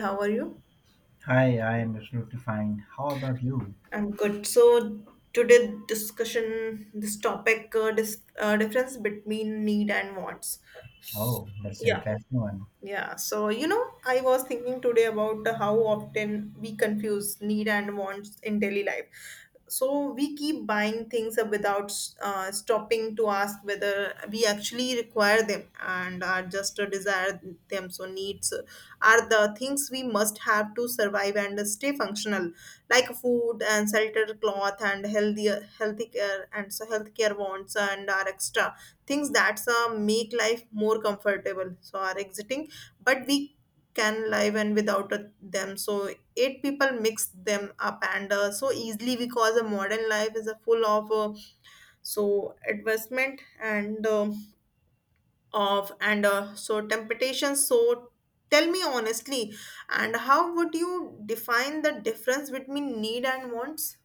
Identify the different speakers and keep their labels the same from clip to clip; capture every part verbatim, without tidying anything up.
Speaker 1: How are you?
Speaker 2: Hi, I am absolutely fine. How about you?
Speaker 1: I'm good. So today discussion this topic uh, dis- uh, difference between need and wants.
Speaker 2: Oh, that's
Speaker 1: Yeah.
Speaker 2: interesting one.
Speaker 1: Yeah, so you know, I was thinking today about how often we confuse need and wants in daily life. So we keep buying things without uh, stopping to ask whether we actually require them and are just to desire them. So needs are the things we must have to survive and stay functional, like food and shelter, cloth and healthy healthy care and so healthcare wants and are extra things that uh, make life more comfortable. So are exiting but we can live and without a- them, so eight people mix them up and uh, so easily because a modern life is a full of uh, so advancement and uh, of and uh, so temptation. So tell me honestly and how would you define the difference between need and wants?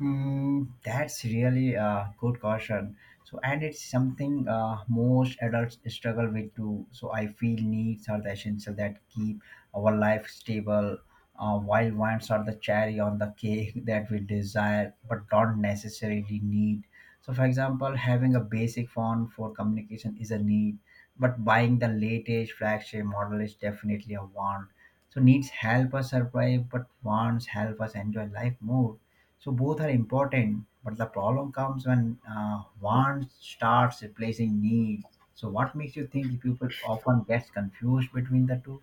Speaker 2: Mm, that's really a good caution. So, and it's something uh, most adults struggle with too. So, I feel needs are the essential that keep our life stable, uh, while wants are the cherry on the cake that we desire but don't necessarily need. So, for example, having a basic phone for communication is a need, but buying the latest flagship model is definitely a want. So needs help us survive, but wants help us enjoy life more. So both are important, but the problem comes when uh, wants starts replacing needs. So what makes you think people often gets confused between the two?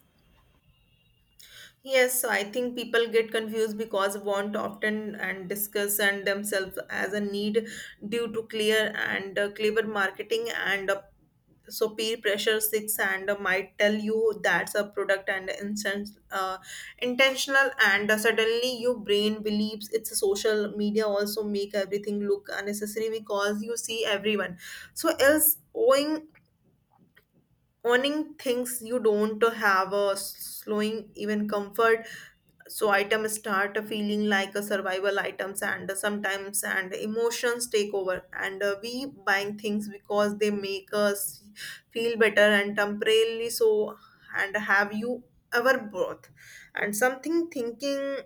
Speaker 1: Yes, so I think people get confused because want often and discuss and themselves as a need due to clear and uh, clever marketing and uh, so peer pressure six and uh, might tell you that's a product and insen- uh, intentional and uh, suddenly your brain believes it's a social media also make everything look unnecessary because you see everyone so else owing owning things you don't have or slowing even comfort, so items start feeling like a survival items and sometimes and emotions take over and uh, we buying things because they make us feel better and temporarily, so and have you ever bought and something thinking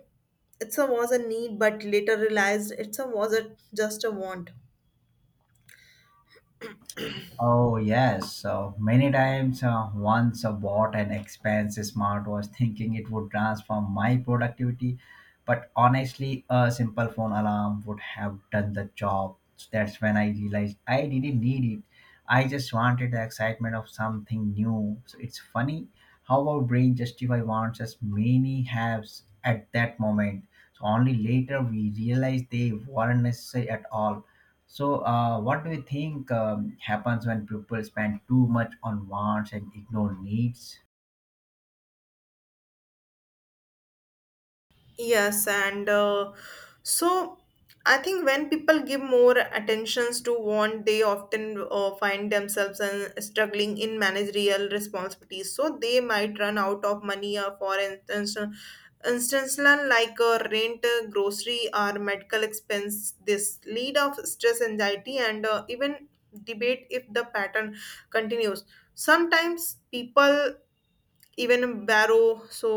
Speaker 1: it's a was a need but later realized it's a was a just a want.
Speaker 2: Oh yes, so many times uh, once I bought an expensive smartwatch thinking it would transform my productivity, but honestly, a simple phone alarm would have done the job. So, that's when I realized I didn't need it. I just wanted the excitement of something new. So it's funny how our brain justify wants as many haves at that moment. So only later we realize they weren't necessary at all. So, uh, what do you think um, happens when people spend too much on wants and ignore needs?
Speaker 1: Yes, and uh, so I think when people give more attentions to want, they often uh, find themselves uh, struggling in managerial responsibilities. So they might run out of money uh, for instance, uh, instance uh, like uh, rent, uh, grocery, or medical expense. This lead of stress, anxiety, and uh, even debate if the pattern continues. Sometimes people even borrow so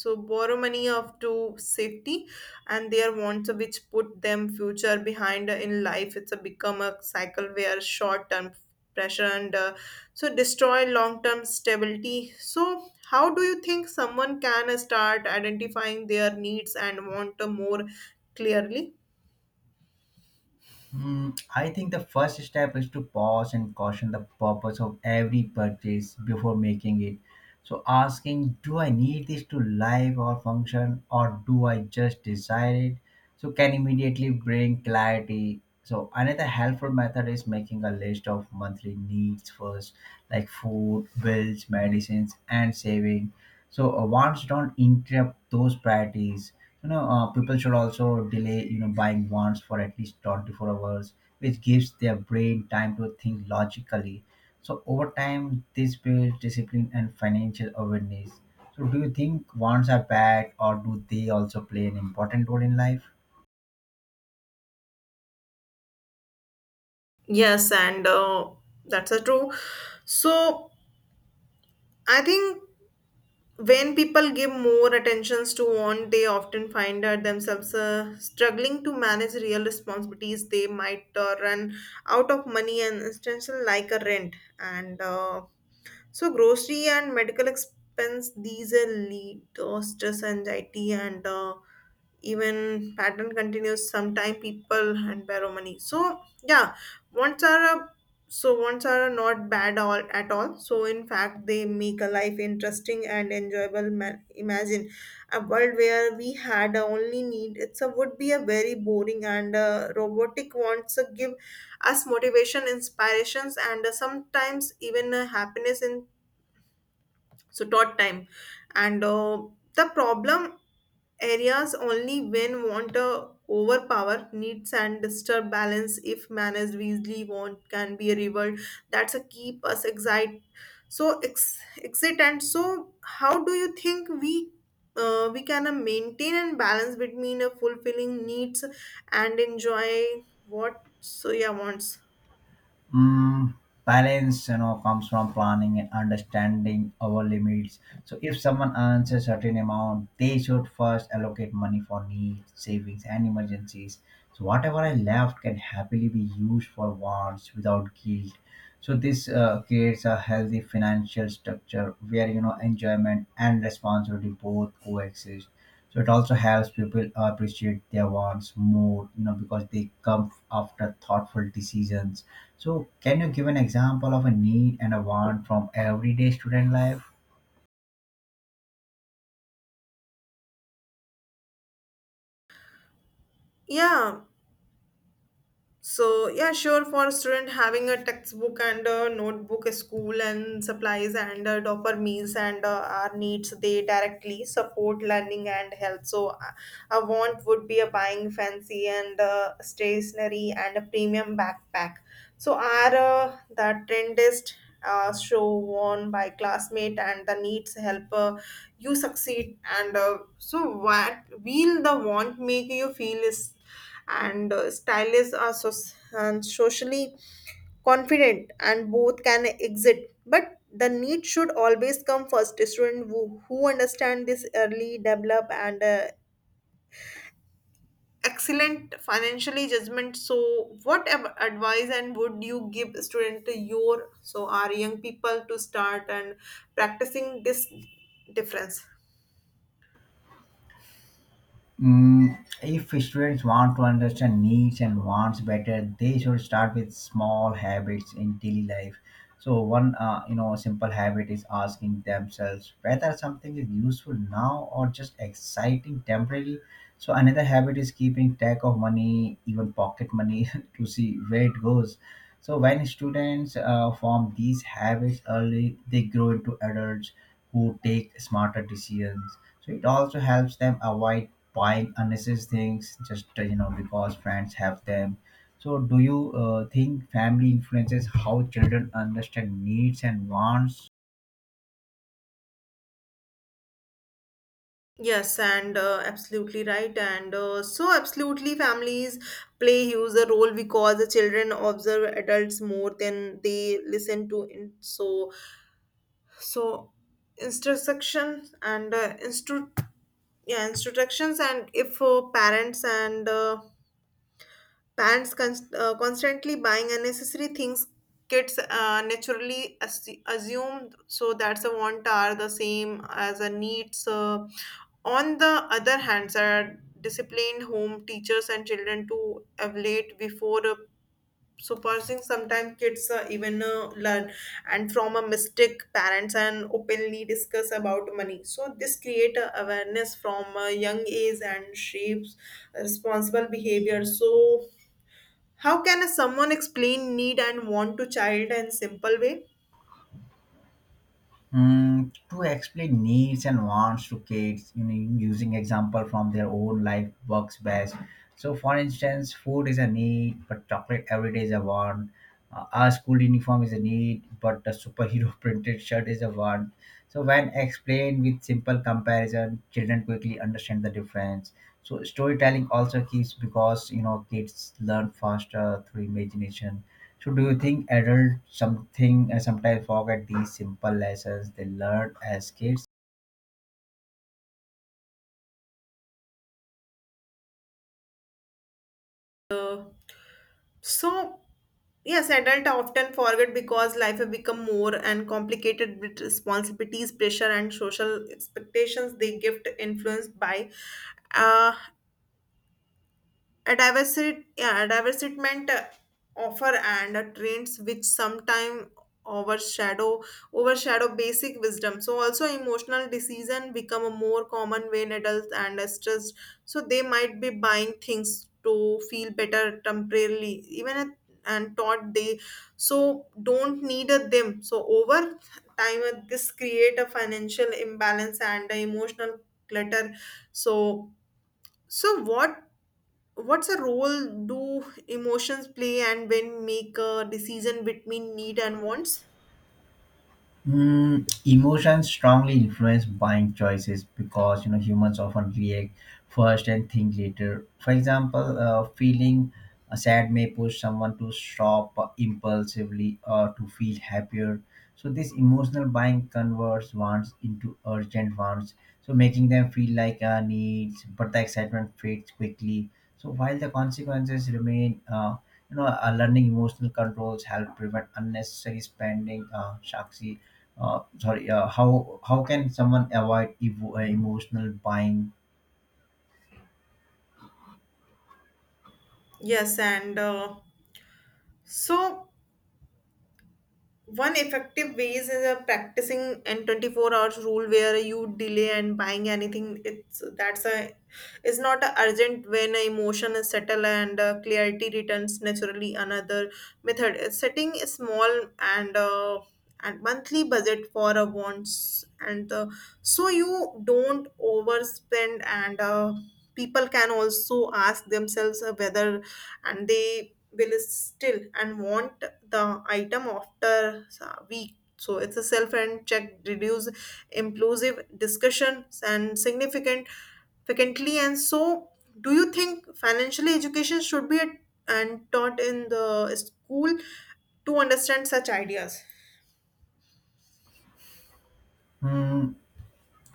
Speaker 1: so borrow money of to safety and their wants, which put them future behind in life. It's a become a cycle where short term pressure and uh, so destroy long term stability. So how do you think someone can start identifying their needs and want more clearly?
Speaker 2: Hmm, I think the first step is to pause and caution the purpose of every purchase before making it. So, asking, do I need this to live or function, or do I just desire it? So, can immediately bring clarity. So, another helpful method is making a list of monthly needs first, like food, bills, medicines, and saving. So uh, wants don't interrupt those priorities. You know, uh, people should also delay, you know, buying wants for at least twenty-four hours, which gives their brain time to think logically. So over time, this builds discipline and financial awareness. So do you think wants are bad or do they also play an important role in life?
Speaker 1: Yes and uh, That's a true. So I think when people give more attentions to want, they often find out themselves uh, struggling to manage real responsibilities. They might uh, run out of money and essential like a rent and uh, so grocery and medical expense. These are lead to stress, anxiety, and uh, even pattern continues. Sometime people and borrow money, so yeah. Wants are a, so wants are not bad all at all. So in fact they make a life interesting and enjoyable. Ma- imagine a world where we had a only need. It's a would be a very boring and uh, robotic. Wants to give us motivation, inspirations, and uh, sometimes even uh, happiness in so short time and uh, the problem areas only when want to overpower needs and disturb balance. If managed wisely, want can be a reward that's a keep us excite so ex- exit. And so how do you think we uh, we can uh, maintain and balance between a fulfilling needs and enjoy what soya wants?
Speaker 2: Mm, balance, you know, comes from planning and understanding our limits. So if someone earns a certain amount, they should first allocate money for needs, savings, and emergencies. So whatever I left can happily be used for wants without guilt. So this uh, creates a healthy financial structure where you know enjoyment and responsibility both coexist. So it also helps people appreciate their wants more, you know, because they come after thoughtful decisions. So, can you give an example of a need and a want from everyday student life?
Speaker 1: Yeah. So yeah, sure. For a student, having a textbook and a notebook, a school and supplies and uh, offer meals and uh, our needs, they directly support learning and health. So uh, a want would be a buying fancy and uh, stationery and a premium backpack. So are uh, the trendiest uh, show worn by classmate and the needs help uh, you succeed and uh, so what will the want make you feel is and uh, stylists are so- and socially confident and both can exit, but the need should always come first. Students who, who understand this early develop and uh, excellent financially judgment. So what ab- advice and would you give student to your so our young people to start and practicing this difference?
Speaker 2: Mm, if students want to understand needs and wants better, they should start with small habits in daily life. So, one uh, you know simple habit is asking themselves whether something is useful now or just exciting temporarily. So, another habit is keeping track of money, even pocket money, to see where it goes. So when students uh, form these habits early, they grow into adults who take smarter decisions. So it also helps them avoid buying unnecessary things just uh, you know because friends have them. So do you uh, think family influences how children understand needs and wants?
Speaker 1: Yes, and uh, Absolutely right. And uh, so, absolutely, families play huge a role because the children observe adults more than they listen to. In so, so instructions and uh, instru- yeah, instructions, and if uh, parents and uh, parents cons- uh, constantly buying unnecessary things, kids uh, naturally assu- assume so that's a want are the same as a needs. Uh, on the other hand, sir, disciplined home teachers and children to evaluate before uh, surpassing. Sometimes kids uh, even uh, learn and from a mistake, parents and openly discuss about money. So this create a awareness from a young age and shapes responsible behavior. So how can a someone explain need and want to child in simple way?
Speaker 2: Mm, to explain needs and wants to kids, you know, using example from their own life works best. So, for instance, food is a need, but chocolate every day is a want. Uh, our school uniform is a need, but a superhero printed shirt is a want. So, when explained with simple comparison, children quickly understand the difference. So, storytelling also keeps because you know kids learn faster through imagination. So, do you think adults something uh, sometimes forget these simple lessons they learned as kids?
Speaker 1: So yes, adult often forget because life has become more and complicated with responsibilities, pressure, and social expectations. They gift influenced by, uh, a diversity, yeah, a divertisement uh, offer and uh, trends which sometime overshadow overshadow basic wisdom. So also emotional decision become a more common when adults and uh, stressed, so they might be buying things to feel better temporarily even at, and thought they so don't need uh, them. So over time uh, this create a financial imbalance and uh, emotional clutter. so so what What's a role do emotions play and when make a decision between need and wants?
Speaker 2: Mm, emotions strongly influence buying choices because you know humans often react first and think later. For example, uh, feeling uh, sad may push someone to shop impulsively or to feel happier. So this emotional buying converts wants into urgent wants, so making them feel like uh, needs, but the excitement fades quickly. So while the consequences remain. Uh, you know uh, learning emotional controls help prevent unnecessary spending uh shakshi uh, sorry, uh, how how can someone avoid evo- uh, emotional buying?
Speaker 1: Yes, and uh, so One effective ways is a practicing and twenty-four hours rule where you delay and buying anything. It's that's a it's not a urgent when emotion is settled and uh, clarity returns naturally. Another method is setting a small and uh, and monthly budget for a wants and uh, so you don't overspend and uh, people can also ask themselves uh, whether and they will still and want the item after a week. So it's a self and check reduce impulsive discussions and significant significantly. And so, do you think financial education should be at, and taught in the school to understand such ideas?
Speaker 2: Hmm,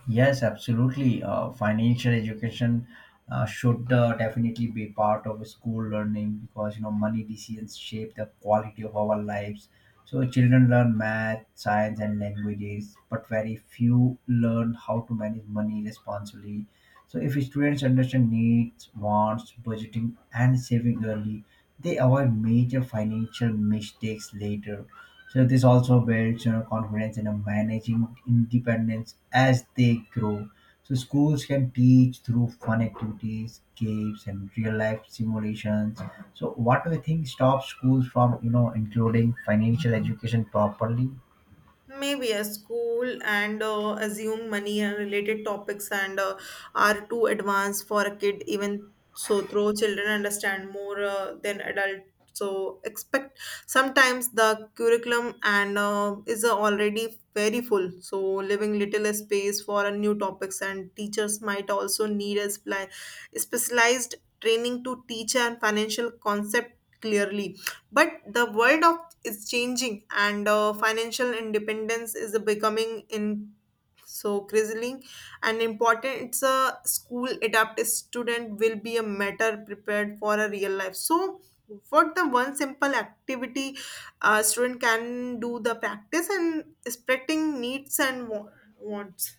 Speaker 2: yes, absolutely. Uh, financial education uh, should uh, definitely be part of school learning because you know money decisions shape the quality of our lives. So children learn math, science, and languages, but very few learn how to manage money responsibly. So if students understand needs, wants, budgeting, and saving early, they avoid major financial mistakes later. So this also builds you know confidence in a managing independence as they grow. So schools can teach through fun activities, games, and real life simulations. So what do you think stops schools from you know including financial education properly?
Speaker 1: Maybe a school and uh, assume money and related topics and uh, are too advanced for a kid. Even so, though children understand more uh, than adult. So expect sometimes the curriculum and uh, is already very full. So leaving little space for a new topics and teachers might also need a spli- specialized training to teacher and financial concept clearly, but the world of is changing and uh, financial independence is becoming in so crizzling and important. It's a school adapt student will be a matter prepared for a real life. So what the one simple activity a student can do the practice and spreading needs and wa- wants?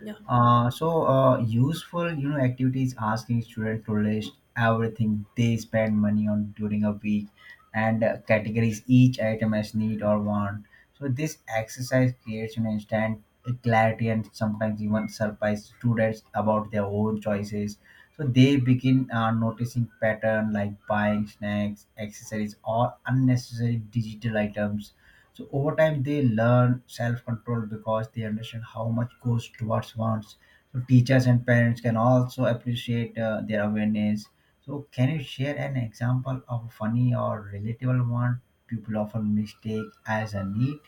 Speaker 1: Yeah.
Speaker 2: Uh, so uh, useful, you know, activities asking students to list everything they spend money on during a week and uh, categories each item as need or want. So this exercise creates an instant clarity and sometimes even surprise students about their own choices. So they begin uh, noticing pattern like buying snacks, accessories, or unnecessary digital items. So over time they learn self-control because they understand how much goes towards wants. So teachers and parents can also appreciate uh, their awareness. So can you share an example of a funny or relatable one people often mistake as a need?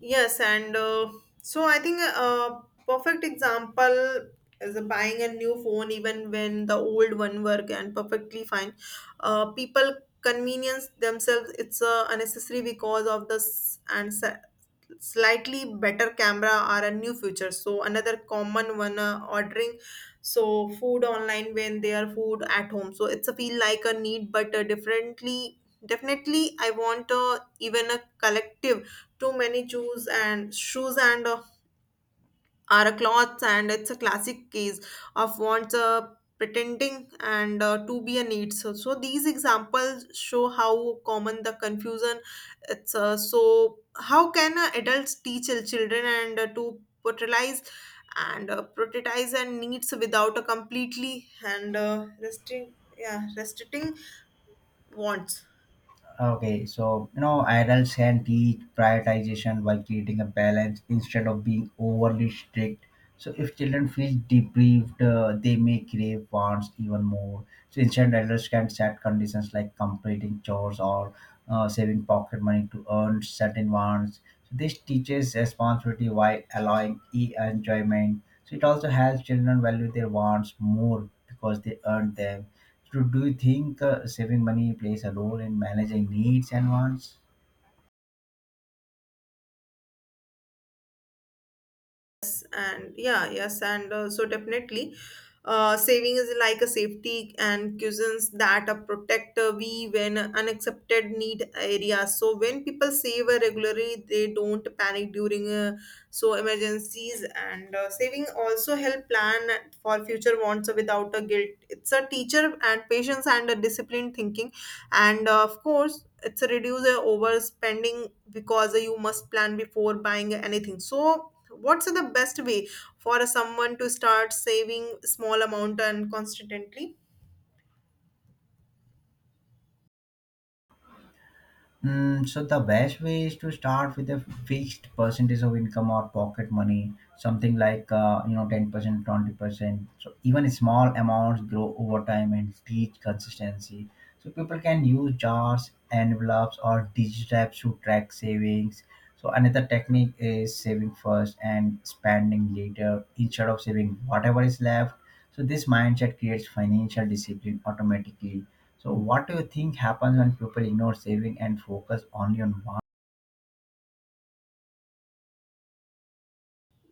Speaker 1: Yes, and uh, so I think a perfect example is buying a new phone even when the old one work and perfectly fine. Uh, people convenience themselves it's uh, unnecessary because of this and s- slightly better camera are a new feature. So another common one uh, ordering so food online when they are food at home, so it's a feel like a need but uh, differently definitely I want. Uh, even a collective too many shoes and shoes and uh, are a cloths and it's a classic case of wants uh, pretending and uh, to be a need. So, so these examples show how common the confusion it's uh, so how can uh, adults teach uh, children and uh, to portrayalize and uh, prioritize and needs without a completely and uh, restricting yeah restricting wants?
Speaker 2: Okay, so you know, adults can teach prioritization while creating a balance instead of being overly strict. So, if children feel deprived, uh, they may crave wants even more. So, instead, adults can set conditions like completing chores or uh, saving pocket money to earn certain wants. So, this teaches responsibility while allowing e enjoyment. So, it also helps children value their wants more because they earn them. Do, do you think uh, saving money plays a role in managing needs and wants?
Speaker 1: Yes, and yeah, yes, and uh, so Definitely, uh, saving is like a safety and cushions that a protector we when unaccepted need areas. So when people save uh, regularly, they don't panic during uh, so emergencies, and uh, saving also help plan for future wants without a guilt. It's a teacher and patience and a disciplined thinking, and uh, of course it's a reduce the overspending because you must plan before buying anything. So what's the best way for someone to start saving small amount and constantly?
Speaker 2: Mm, so the best way is to start with a fixed percentage of income or pocket money, something like uh, you know ten percent, twenty percent. So even small amounts grow over time and teach consistency. So people can use jars, envelopes, or digital apps to track savings. So another technique is saving first and spending later instead of saving whatever is left. So this mindset creates financial discipline automatically. So what do you think happens when people ignore saving and focus only on one?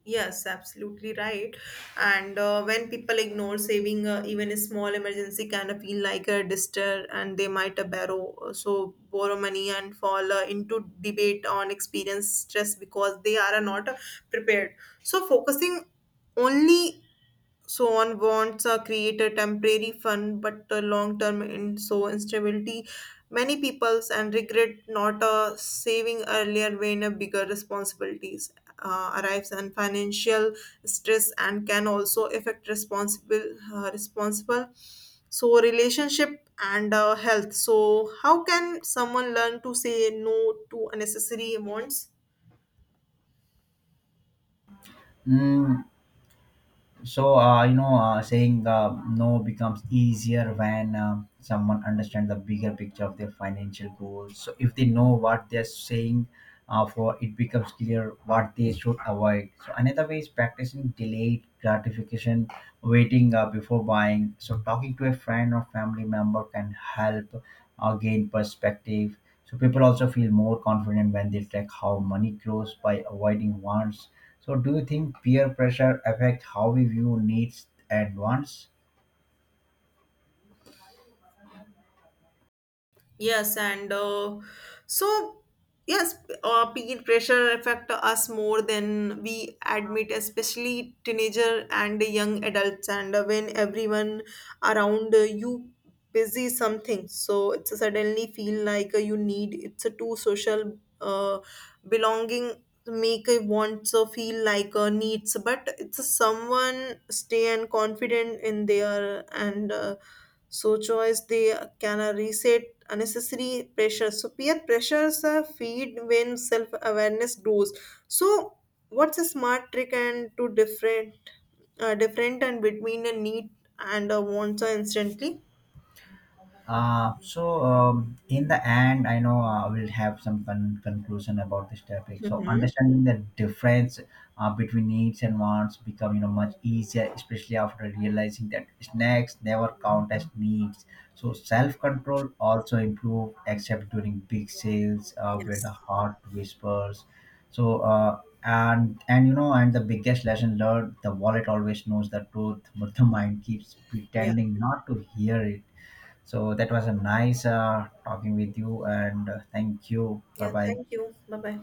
Speaker 1: Yes, absolutely right. And uh, when people ignore saving uh, even a small emergency kind of feel like a dister and they might uh, borrow uh, so borrow money and fall uh, into debate on experience stress because they are uh, not uh, prepared. So focusing only so on wants uh, create a temporary fun but a long term in so instability. Many peoples and regret not uh, saving earlier when a bigger responsibilities uh, arrives and financial stress and can also affect responsible uh, responsible so relationship and uh, health. So how can someone learn to say no to unnecessary amounts?
Speaker 2: Mm, so uh, you know, uh, saying uh, no becomes easier when uh, someone understands the bigger picture of their financial goals. So if they know what they're saying, uh, for it becomes clear what they should avoid. So another way is practicing delayed gratification, waiting uh, before buying. So talking to a friend or family member can help uh, gain perspective. So people also feel more confident when they track how money grows by avoiding wants. So do you think peer pressure affect how we view needs and wants?
Speaker 1: Yes, and uh, so yes, uh, Peer pressure affect us more than we admit, especially teenager and young adults, and uh, when everyone around uh, you busy something, so it's suddenly feel like uh, you need it's a too social uh, belonging make a wants or feel like a needs. But it's someone stay and confident in their and uh, so choice, they can uh, reset unnecessary pressure. So peer pressures uh, feed when self awareness grows. So what's a smart trick and to different uh, different and between a need and a want so instantly?
Speaker 2: Uh, so um, in the end, I know uh, we'll have some con- conclusion about this topic. So understanding the difference uh, between needs and wants become you know much easier, especially after realizing that snacks never count as needs. So self control also improved, except during big sales uh, where the
Speaker 1: Yes.
Speaker 2: heart whispers. So uh, and and you know and the biggest lesson learned: the wallet always knows the truth, but the mind keeps
Speaker 1: Yeah.
Speaker 2: pretending not to hear it. So that was a nice uh, talking with you, and uh, thank you. Bye
Speaker 1: Yeah,
Speaker 2: bye.
Speaker 1: thank you. Bye bye.